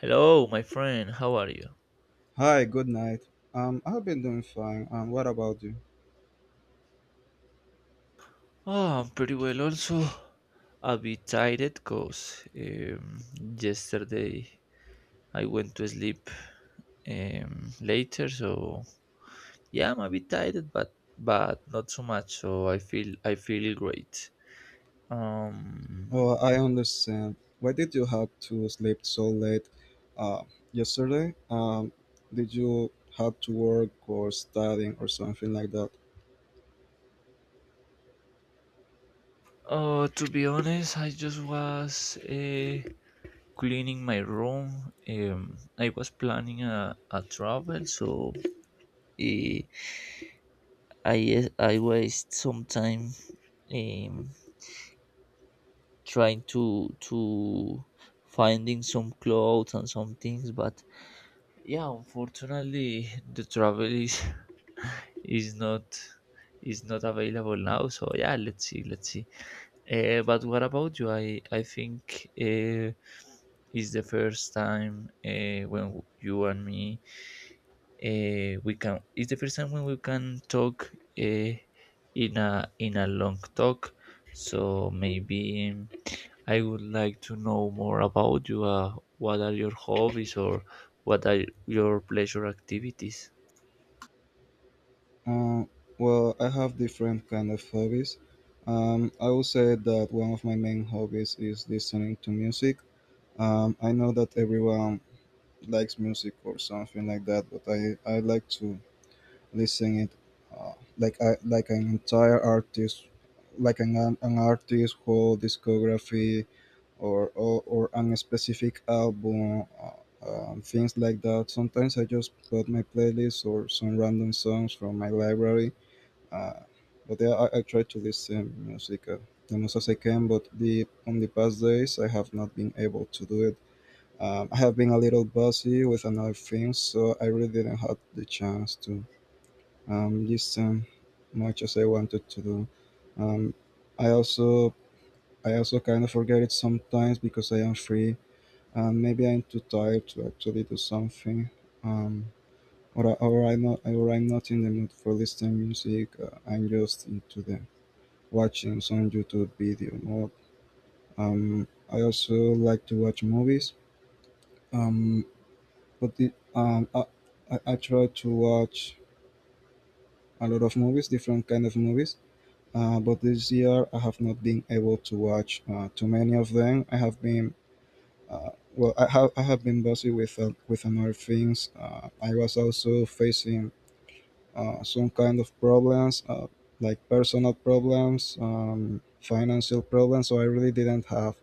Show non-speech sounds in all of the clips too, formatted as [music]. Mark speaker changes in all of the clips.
Speaker 1: Hello, my friend. How are you?
Speaker 2: Hi, good night. I've been doing fine. What about you?
Speaker 1: Oh, I'm pretty well also. A bit tired because yesterday I went to sleep later. So yeah, I'm a bit tired, but not so much. So I feel great. Um,
Speaker 2: Oh, I understand. Why did you have to sleep so late? Uh, yesterday? Did you have to work or studying or something like that?
Speaker 1: oh, to be honest, I just was cleaning my room. I was planning a travel, so eh, I waste some time um, trying to finding some clothes and some things. But yeah, unfortunately, the travel is [laughs] is not is not available now. So yeah, let's see, let's see. But what about you? I think it's the first time when you and me we can it's the first time when we can talk uh, in a long talk. So maybe I would like to know more about you. What are your hobbies or what are your pleasure activities?
Speaker 2: Um, well, I have different kind of hobbies. I would say that one of my main hobbies is listening to music. I know that everyone likes music or something like that, but I like to listening it like an entire artist, like an artist whole discography, or or an specific album, things like that. Sometimes I just put my playlist or some random songs from my library. uh, but yeah, I try to listen music the most as I can, but the on the past days I have not been able to do it. I have been a little busy with another things, so I really didn't have the chance to just much as I wanted to do. Um, I also I also kind of forget it sometimes because I am free. Maybe I'm too tired to actually do something, um, or I'm not in the mood for listening music. I'm just into the watching some YouTube video more. I also like to watch movies. Um, but the, I try to watch a lot of movies, different kind of movies. But this year I have not been able to watch too many of them. I have been I have been busy with other things. I was also facing some kind of problems, like personal problems, financial problems. So I really didn't have.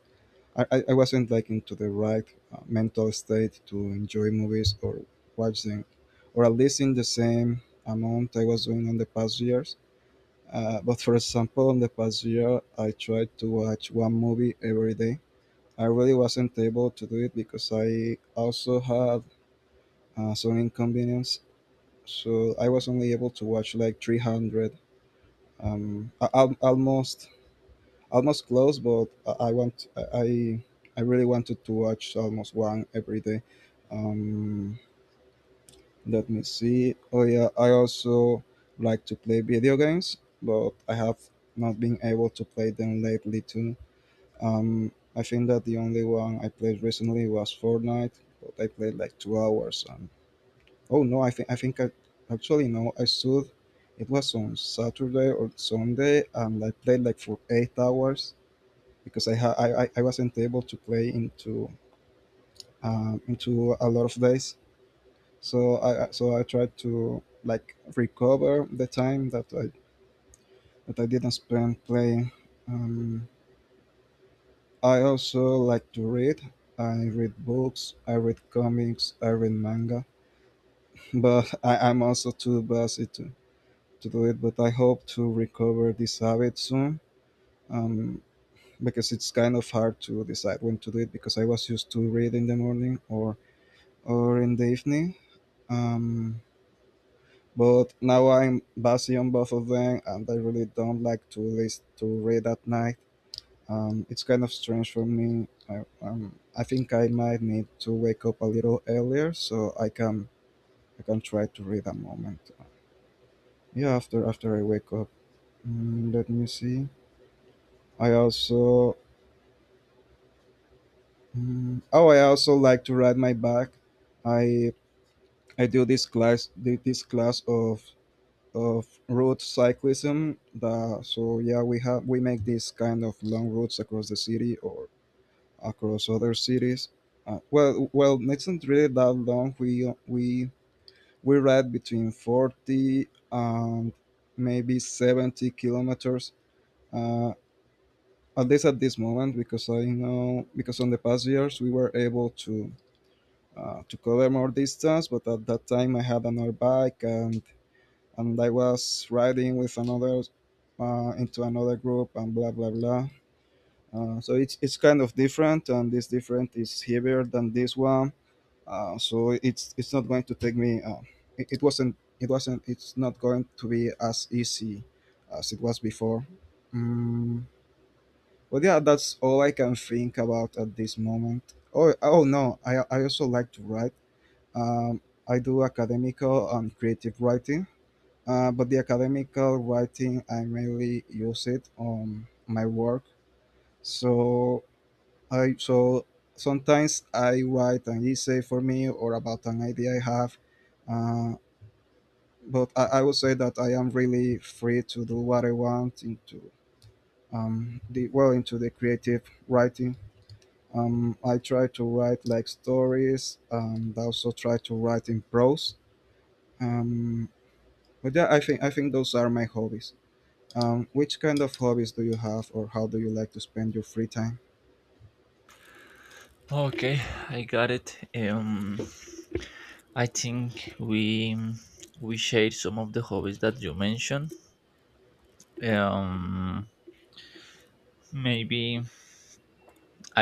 Speaker 2: I wasn't like into the right mental state to enjoy movies or watch them, or at least in the same amount I was doing in the past years. But for example, in the past year, I tried to watch one movie every day. I really wasn't able to do it because I also had some inconvenience. So I was only able to watch like 300, um, a- al- almost almost close, but I really wanted to watch almost one every day. Um, let me see. Oh yeah, I also like to play video games, but I have not been able to play them lately too. I think that the only one I played recently was Fortnite, but I played like 2 hours. And oh no, I think I actually, no, I stood. It was on Saturday or Sunday, and I played like for 8 hours because I ha- I wasn't able to play into a lot of days. So I tried to like recover the time that I didn't spend playing. Um, I also like to read. I read books, I read comics, I read manga, [laughs] but I'm also too busy to do it. But I hope to recover this habit soon, um, because it's kind of hard to decide when to do it because I was used to read in the morning, or in the evening. Um, but now I'm busy on both of them, and I really don't like to list to read at night. It's kind of strange for me. I think I might need to wake up a little earlier so I can try to read a moment. Yeah, after I wake up. Let me see. I also oh I also like to ride my bike. I I do this class did this class of road cyclism. So yeah, we have we make these kind of long routes across the city or across other cities. Well, it's not really that long. We ride between 40 and maybe 70 kilometers. Uh, at least at this moment, because I know because on the past years we were able to cover more distance, but at that time I had another bike, and I was riding with another, into another group, and blah blah blah. So it's kind of different, and this different is heavier than this one, so it's not going to take me. It's not going to be as easy as it was before. mm, but yeah, that's all I can think about at this moment. Oh, no, I also like to write, um, I do academical and creative writing. But the academical writing I mainly use it on my work, so I so sometimes I write an essay for me or about an idea I have. uh, but I would say that I am really free to do what I want into the creative writing. I try to write like stories, and I also try to write in prose. Um, but yeah, I think those are my hobbies. Which kind of hobbies do you have, or how do you like to spend your free time?
Speaker 1: Okay, I got it. I think we share some of the hobbies that you mentioned. um Maybe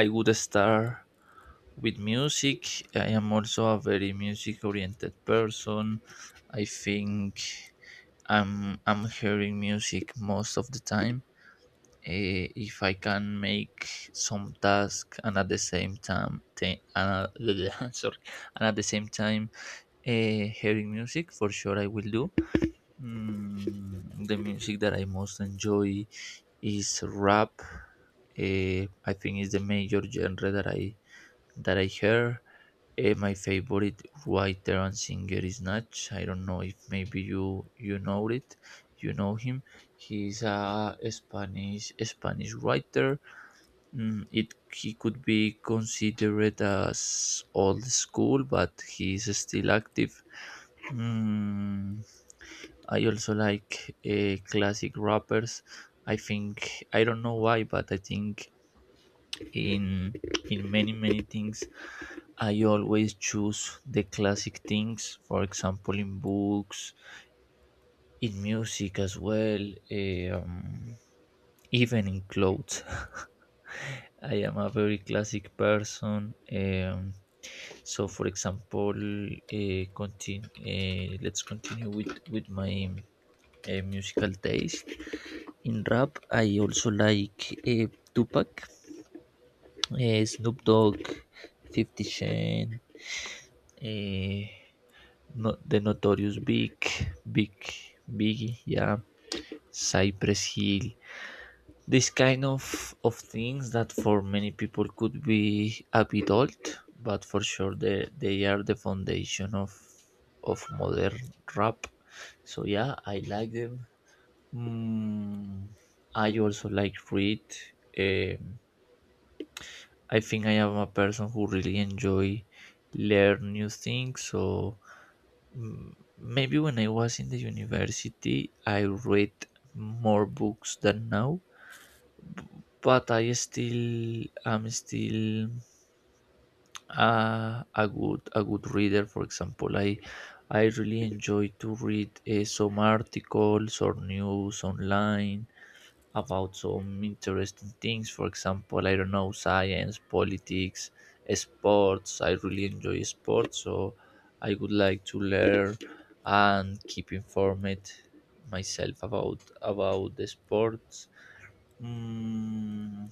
Speaker 1: I would start with music. I am also a very music oriented person. I think I'm hearing music most of the time. If I can make some task and at the same time and, [laughs] sorry, and at the same time hearing music, for sure I will do. Mm, the music that I most enjoy is rap. I think it's the major genre that i hear. My favorite writer and singer is Nach. I don't know if maybe you know it, you know him. He's a Spanish writer. Mm, it he could be considered as old school, but he's still active. Mm, I also like classic rappers. I think I don't know why, but I think in in many things I always choose the classic things. For example, in books, in music as well, eh, um, even in clothes. [laughs] I am a very classic person. So for example, let's continue with my musical taste. In rap I also like Tupac, Snoop Dogg, 50 Cent, eh, no, The Notorious Big, Big, Biggie, yeah, Cypress Hill. This kind of things that for many people could be a bit old, but for sure they are the foundation of modern rap. So yeah, I like them. Mm, I also like read. Um, I think I am a person who really enjoy learn new things. So. Mm, maybe when I was in the university, I read more books than now, but I still am still a good reader. For example, I really enjoy to read some articles or news online about some interesting things. For example, I don't know, science, politics, sports. I really enjoy sports, so I would like to learn and keep informed myself about the sports. Mm,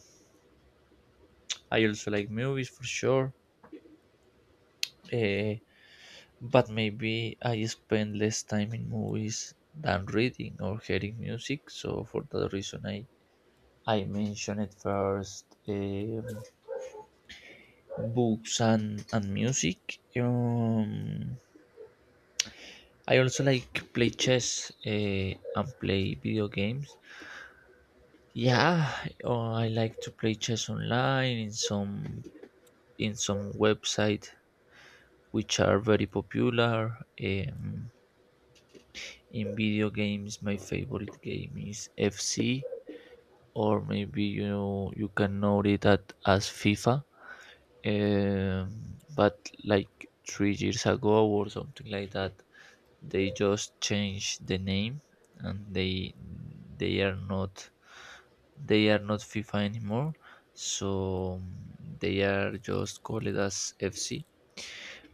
Speaker 1: I also like movies for sure, eh, but maybe I spend less time in movies than reading or hearing music. So for that reason, I mentioned it first. Books and music. I also like play chess and play video games. Yeah, I like to play chess online in some website which are very popular. In video games, my favorite game is FC, or maybe you can know it as FIFA. But like 3 years ago or something like that, they just change the name, and they are not they are not FIFA anymore. So mm, they are just called as FC.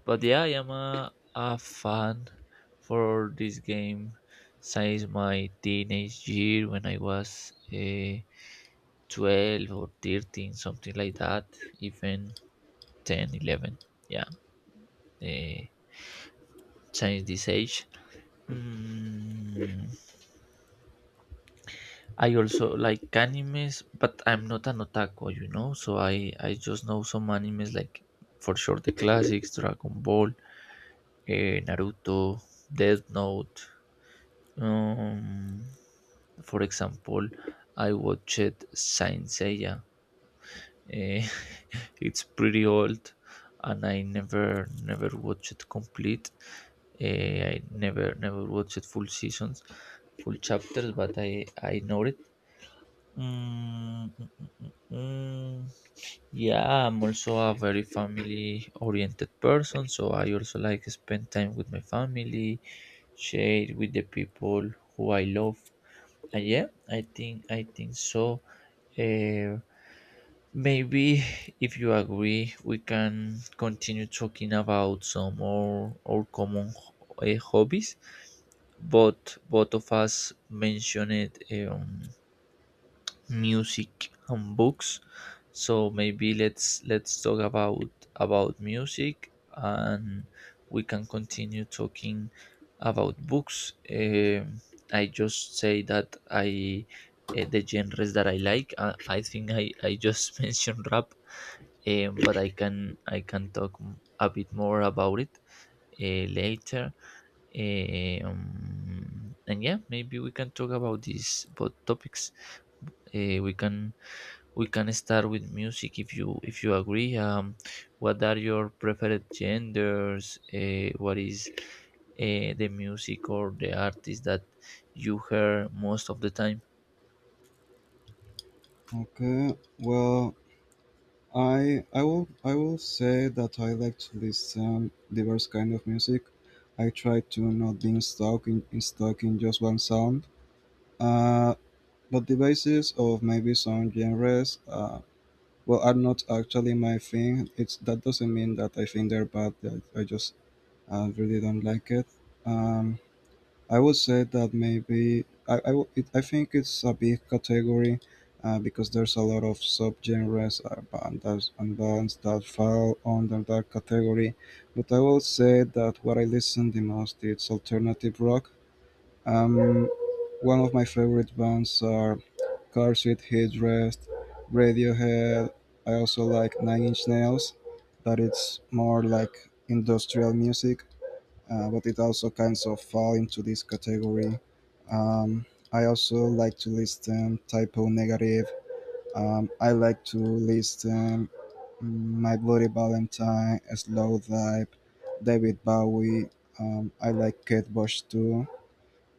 Speaker 1: But yeah, I am a fan for this game since my teenage year, when I was 12 or 13, something like that. Even 10, 11. Yeah, they changed this age. Mm, I also like animes, but I'm not an otaku. So I just know some animes, like for sure the classics: Dragon Ball, Naruto, Death Note. Um, for example, I watched Saint Seiya. Eh, [laughs] it's pretty old, and I never watched it complete. I never watched full seasons, full chapters, but I know it. Mm, mm, mm, mm, mm. Yeah, I'm also a very family oriented person, so I also like spend time with my family, share with the people who I love. And yeah, I think so. Uh, Maybe [laughs] if you agree, we can continue talking about some more our common hobbies. But both of us mentioned music and books. So maybe let's talk about music, and we can continue talking about books. I just say that I the genres that I like, I think i just [laughs] mentioned rap. But i can talk a bit more about it later. And yeah, maybe we can talk about these both topics. uh, we can we can start with music if you agree. What are your preferred genders? What is the music or the artist that you hear most of the time?
Speaker 2: Okay, well, I will say that I like to listen diverse kind of music. I try to not being stuck in just one sound. Uh, but the basis of maybe some genres, are not actually my thing. It's that doesn't mean that I think they're bad. I just really don't like it. Um, I would say that maybe I think it's a big category, because there's a lot of subgenres, bands and bands that fall under that category. But I will say that what I listen the most is alternative rock. Um, one of my favorite bands are Car Seat Headrest, Radiohead. I also like Nine Inch Nails, that it's more like industrial music, but it also kinds of fall into this category. Um, I also like to listen typo negative. I like to listen My Bloody Valentine, Slow Dive, David Bowie. I like Kate Bush too.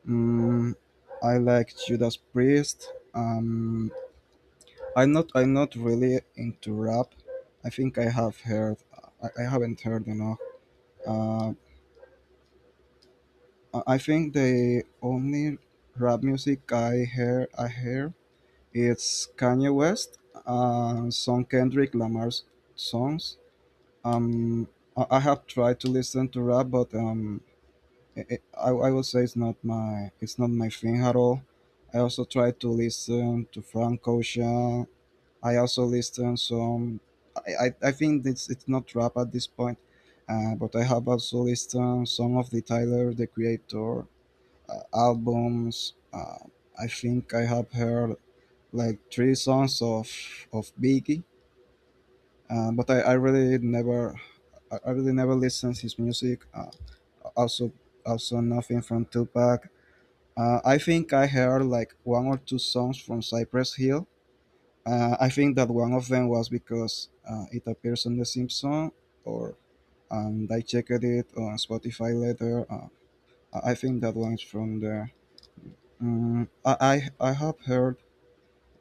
Speaker 2: Mm, I like Judas Priest. I'm not. I'm not really into rap. I think I have heard. I haven't heard enough. Uh, I think the only rap music I hear is Kanye West and some Kendrick Lamar's songs. Um, I have tried to listen to rap, but i I will say it's not my thing at all. I also try to listen to Frank Ocean. I also listen some. I, I think it's not rap at this point, but I have also listened some of the Tyler the Creator albums. I think I have heard like three songs of Biggie, but I really never listened his music. Also also nothing from Tupac. I think I heard like one or two songs from Cypress Hill. I think that one of them was because it appears on The Simpsons, or and I checked it on Spotify later. I think that one's from there. I have heard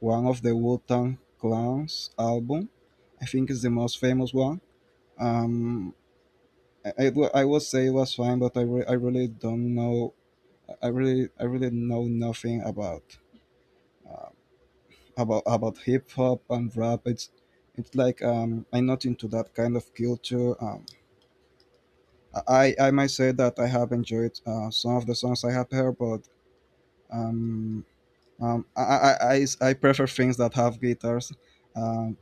Speaker 2: one of the Wu-Tang Clan's album. I think it's the most famous one. Um, I would say it was fine, but I really don't know. I really know nothing about uh, about hip hop and rap. It's like, I'm not into that kind of culture. I I might say that I have enjoyed some of the songs I have heard, but um, um, I, I prefer things that have guitars. Um,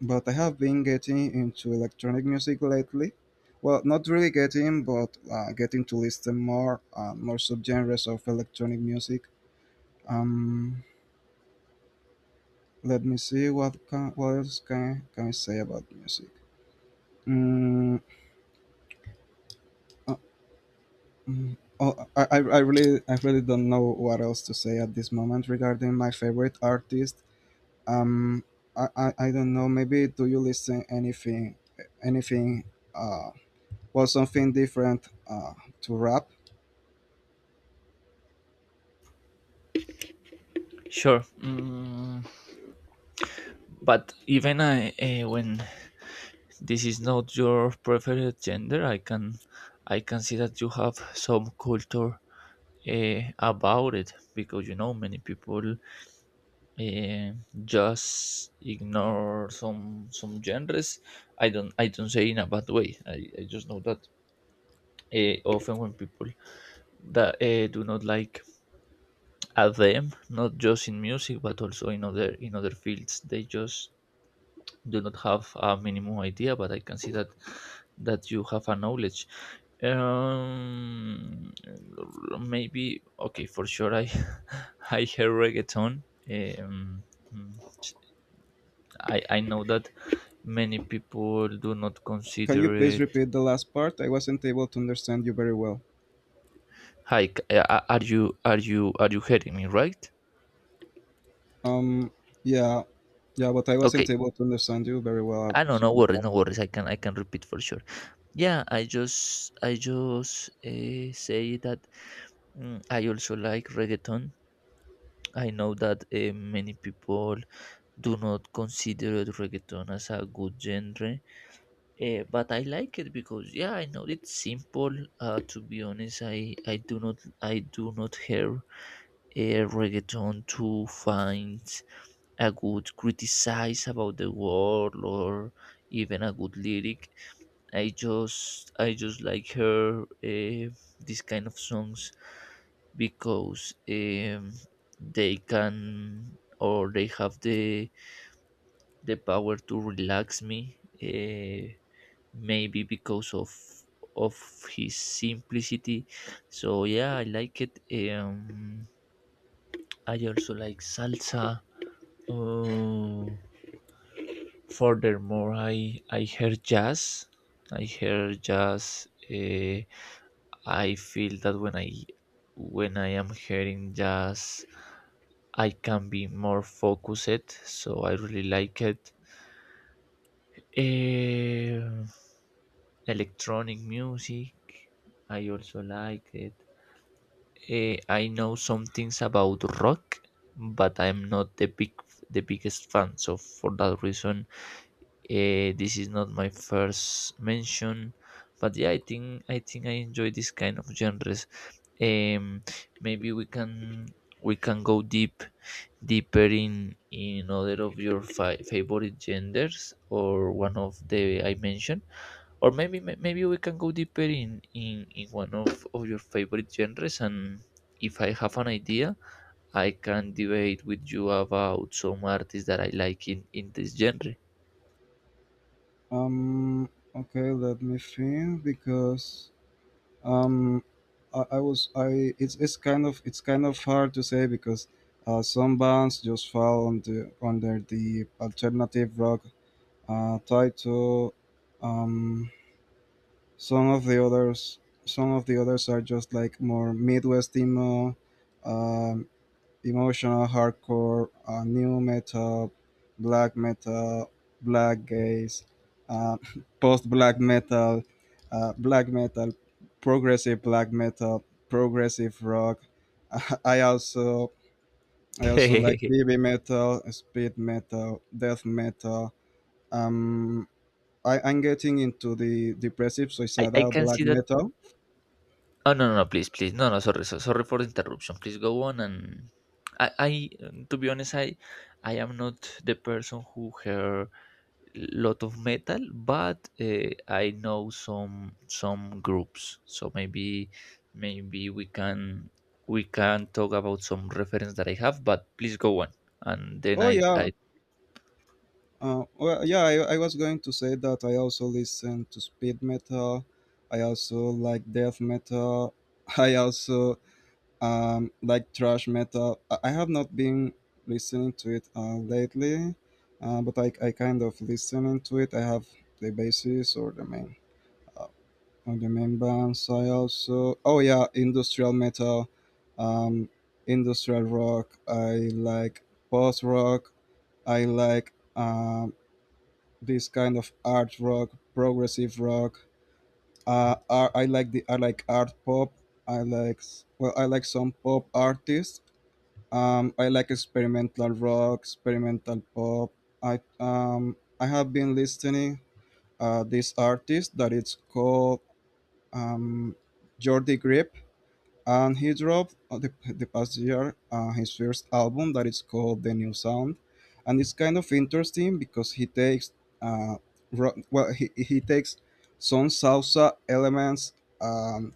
Speaker 2: but I have been getting into electronic music lately. Well, not really getting, but getting to listen more subgenres of electronic music. Um, let me see what else can I say about music. Mm, uh, mm, oh, I really don't know what else to say at this moment regarding my favorite artist. Um, I don't know. Maybe do you listen anything? uh, was something different to rap.
Speaker 1: Sure. Mm, but even I when this is not your preferred gender, i can see that you have some culture about it, because you know many people eh, just ignore some genres. I don't say in a bad way. I just know that often when people that do not like a them, not just in music but also in other fields, they just do not have a minimum idea. But I can see that you have a knowledge. um Maybe. Okay, for sure I [laughs] I hear reggaeton. um mm, i know that many people do not
Speaker 2: Can
Speaker 1: consider
Speaker 2: you please
Speaker 1: it.
Speaker 2: repeat the last part? I wasn't able to understand you very well.
Speaker 1: Hi, are you hearing me right?
Speaker 2: Um, yeah, yeah, but I wasn't
Speaker 1: Okay.
Speaker 2: able to understand you very well at
Speaker 1: I
Speaker 2: the
Speaker 1: No, no
Speaker 2: second
Speaker 1: worries,
Speaker 2: part.
Speaker 1: no worries. I can repeat for sure. Yeah, I just say that, mm, I also like reggaeton. I know that many people do not consider reggaeton as a good genre, but I like it because yeah, I know it's simple. To be honest, I do not hear a reggaeton to find a good criticize about the world or even a good lyric. I just like her this kind of songs, because they can, or they have the power to relax me, maybe because of his simplicity. So yeah, I like it. um I also like salsa. Um, Furthermore, I hear jazz. I hear jazz. I feel that when I am hearing jazz, I can be more focused. So I really like it. Eh, Electronic music. I also like it. I know some things about rock, but I'm not the biggest fan. So for that reason, this is not my first mention, but yeah, I think I enjoy this kind of genres. Um, Maybe we can go deeper in other of your favorite genders, or one of the I mentioned, or maybe maybe we can go deeper in one of your favorite genres and. If I have an idea, I can debate with you about some artists that I like in this genre.
Speaker 2: Um, okay, let me think because um, I was I it's kind of hard to say because some bands just fall on the under the alternative rock, title. Um, Some of the others, some of the others are just like more Midwest emo, um, emotional hardcore, new metal, black gaze, uh, [laughs] post uh, black metal, black metal, progressive rock. [laughs] I also I also like
Speaker 1: [laughs]
Speaker 2: heavy metal, speed metal, death metal. Um, I'm getting into the depressive
Speaker 1: I
Speaker 2: suicidal
Speaker 1: can
Speaker 2: black
Speaker 1: see that.
Speaker 2: metal.
Speaker 1: Oh no, no, no, please, please, no, no, sorry, sorry for the interruption. Please go on, and I, I, to be honest, I am not the person who hear lot of metal, but I know some groups. So maybe we can talk about some reference that I have. But please go on, and then
Speaker 2: Oh
Speaker 1: I
Speaker 2: yeah,
Speaker 1: I
Speaker 2: yeah. I was going to say that I also listen to speed metal. I also like death metal. [laughs] I also like thrash metal. I have not been listening to it lately, but I kind of listening to it. I have the basis or the main uh, on the membranes, I also oh yeah, industrial metal, um, industrial rock. I like post rock. I like this kind of art rock, progressive rock. I like the I like art pop. Well, I like some pop artists. I like experimental rock, experimental pop. I have been listening this artist that it's called um Jordi Grip. And he dropped the past year his first album that is called The New Sound, and it's kind of interesting because he takes uh, well he takes some salsa elements, um,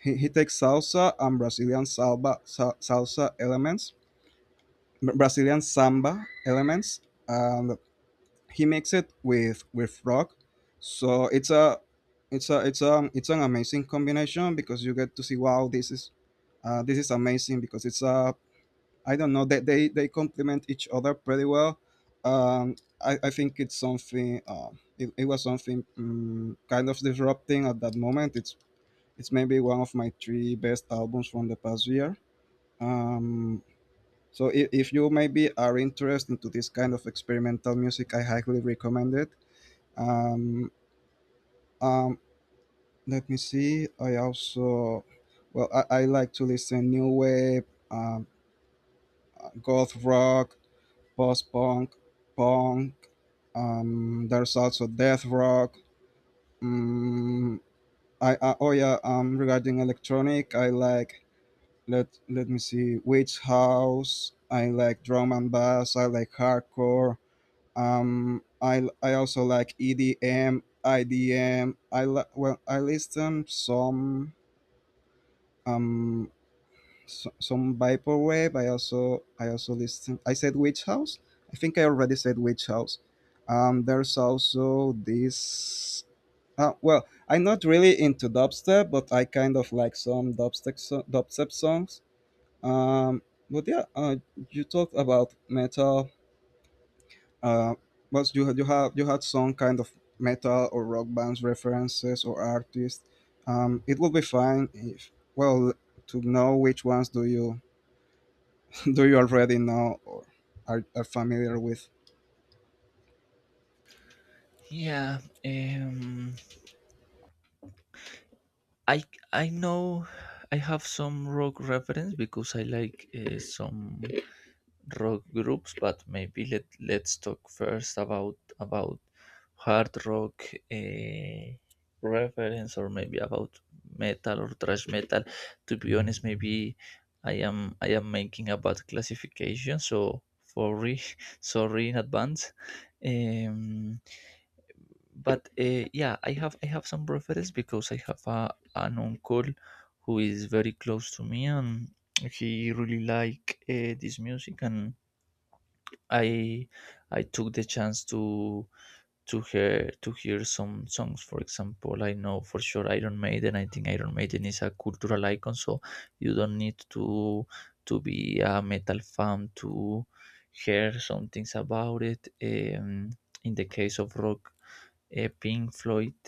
Speaker 2: he takes salsa and Brazilian salsa elements, Brazilian samba elements, and he makes it with rock. So it's a it's an amazing combination because you get to see, wow, this is amazing because it's a, I don't know that they complement each other pretty well. I think it's something, it was something kind of disrupting at that moment. It's maybe one of my three best albums from the past year. Um so if, if you maybe are interested into this kind of experimental music, I highly recommend it. um, um Let me see, I also, I like to listen new wave, um, goth rock, post punk, punk, there's also death rock. Um, I Oh yeah, regarding electronic, I like, let me see, witch house. I like drum and bass. I like hardcore. I also like EDM, IDM, I D M. Well, I listen some um some vaporwave. I also listen, I said witch house. I think I already said witch house. Um, there's also this. Well, I'm not really into dubstep, but I kind of like some dubstep songs. Um but yeah, you talked about metal, uh but you had some kind of metal or rock bands references or artists. Um, it would be fine if, well, to know which ones do you, do you already know or are familiar with?
Speaker 1: Yeah. Um, I I know I have some rock reference because I like some rock groups, but maybe let's talk first about hard rock reference, or maybe about metal or thrash metal. To be honest, maybe I am making a bad classification, so sorry [laughs] sorry in advance. Um, but yeah, i have some preference because I have an uncle who is very close to me, and he really like this music. And i I took the chance to hear some songs. For example, I know for sure Iron Maiden. I think Iron Maiden is a cultural icon, so you don't need to be a metal fan to hear some things about it. In the case of rock, Pink Floyd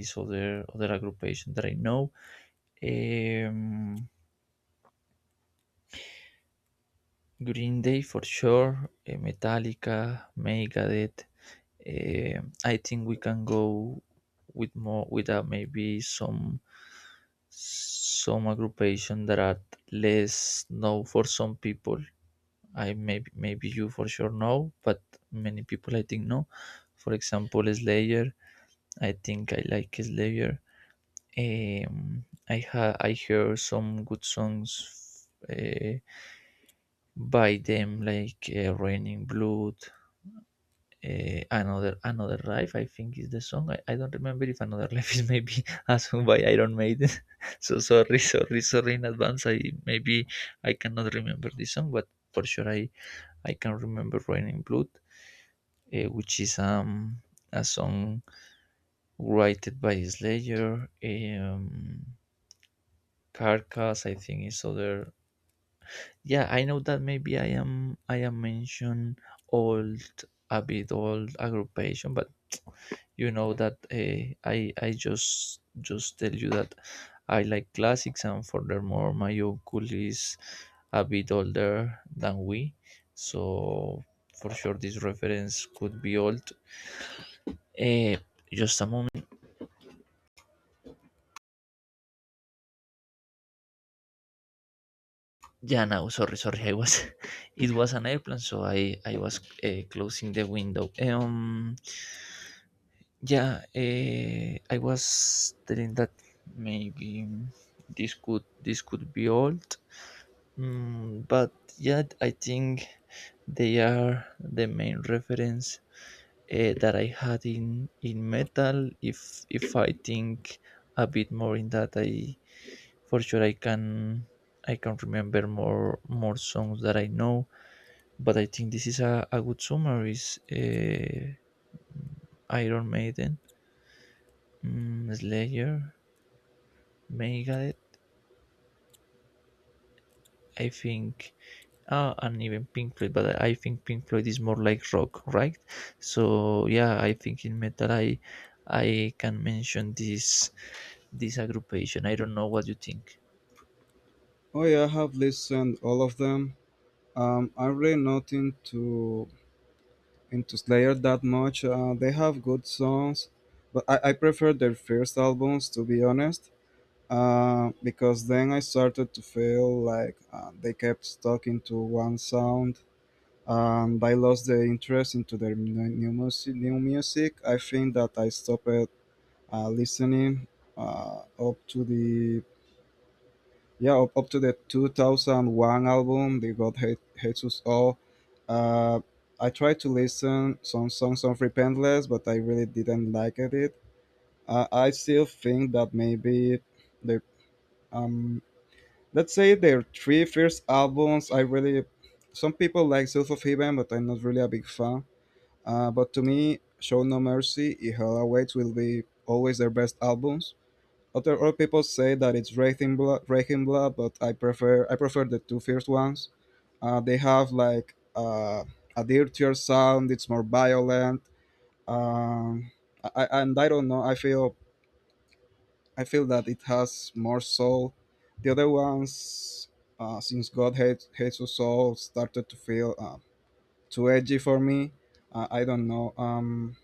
Speaker 1: is other aggregation that I know. Um, Green Day for sure, Metallica, Megadeth, I think we can go with maybe some aggregation that are less known for some people. I maybe you for sure know, but many people I think know. For example, Slayer. I think I like Slayer. I hear some good songs by them, like Raining Blood. Another life, I think, is the song. I don't remember if another life is maybe [laughs] a song by Iron Maiden. [laughs] So sorry in advance. I cannot remember this song, but for sure i can remember Raining Blood, which is a song written by Slayer. Carcass, I think, is other. Yeah, I know that maybe i am mentioned old a bit old aggravation, but you know that I just tell you that I like classics, and furthermore my uncle is a bit older than we, so for sure this reference could be old. Eh, just a moment. Yeah, now sorry, sorry, I was [laughs] it was an airplane, so I was closing the window. Yeah, I was telling that maybe this could be old. Mm, but yet I think they are the main reference that I had in metal. If I think a bit more in that, I for sure I can remember more songs that I know. But I think this is a good summary. Is Iron Maiden, mm, Slayer, Megadeth. I think and even Pink Floyd, but I think Pink Floyd is more like rock, right? So yeah, I think in metal I can mention this aggregation. I don't know what you think.
Speaker 2: Oh yeah, I have listened all of them. I'm really not into Slayer that much. They have good songs, but I prefer their first albums, to be honest. Because then I started to feel like they kept stuck into one sound, and I lost the interest into their new, new music. New music. I think that I stopped listening up to the yeah, up, up to the 2001 album, they got Hate, Hates Us All. Uh, I tried to listen some songs of Repentless, but I really didn't like it. I still think that maybe the, um, let's say, their three first albums. I really, some people like South of Heaven, but I'm not really a big fan. But to me, Show No Mercy, I Hell Awaits will be always their best albums. Other all people say that it's Reichenbla, Reichenbla, but I prefer the two first ones. They have like a dirtier sound. It's more violent. Um, and I don't know. I feel that it has more soul. The other ones, since God hates us all, started to feel too edgy for me. I don't know.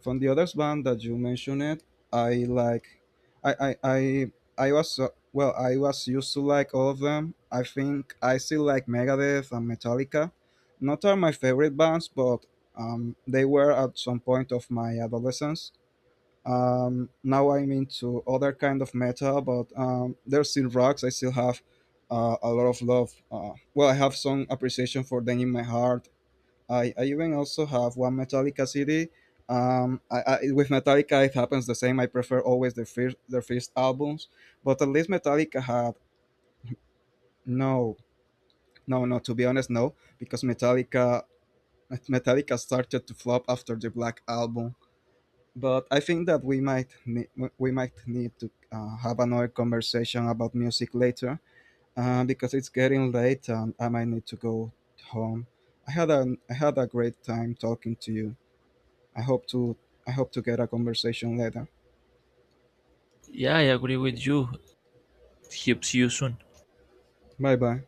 Speaker 2: From the other band that you mentioned, I like, I I I, I was I was used to like all of them. I think I still like Megadeth and Metallica. Not are my favorite bands, but they were at some point of my adolescence. Now I'm into other kind of metal, but there's still rocks. I still have a lot of love. Well, I have some appreciation for them in my heart. I even also have one Metallica CD. With Metallica, it happens the same. I prefer always their first albums, but at least Metallica had no, no, no. To be honest, no, because Metallica started to flop after the Black Album. But I think that we we might need to have another conversation about music later, because it's getting late and I might need to go home. I had a great time talking to you. I hope to I hope to get a conversation later.
Speaker 1: Yeah, I agree with you. Helps you soon.
Speaker 2: Bye bye.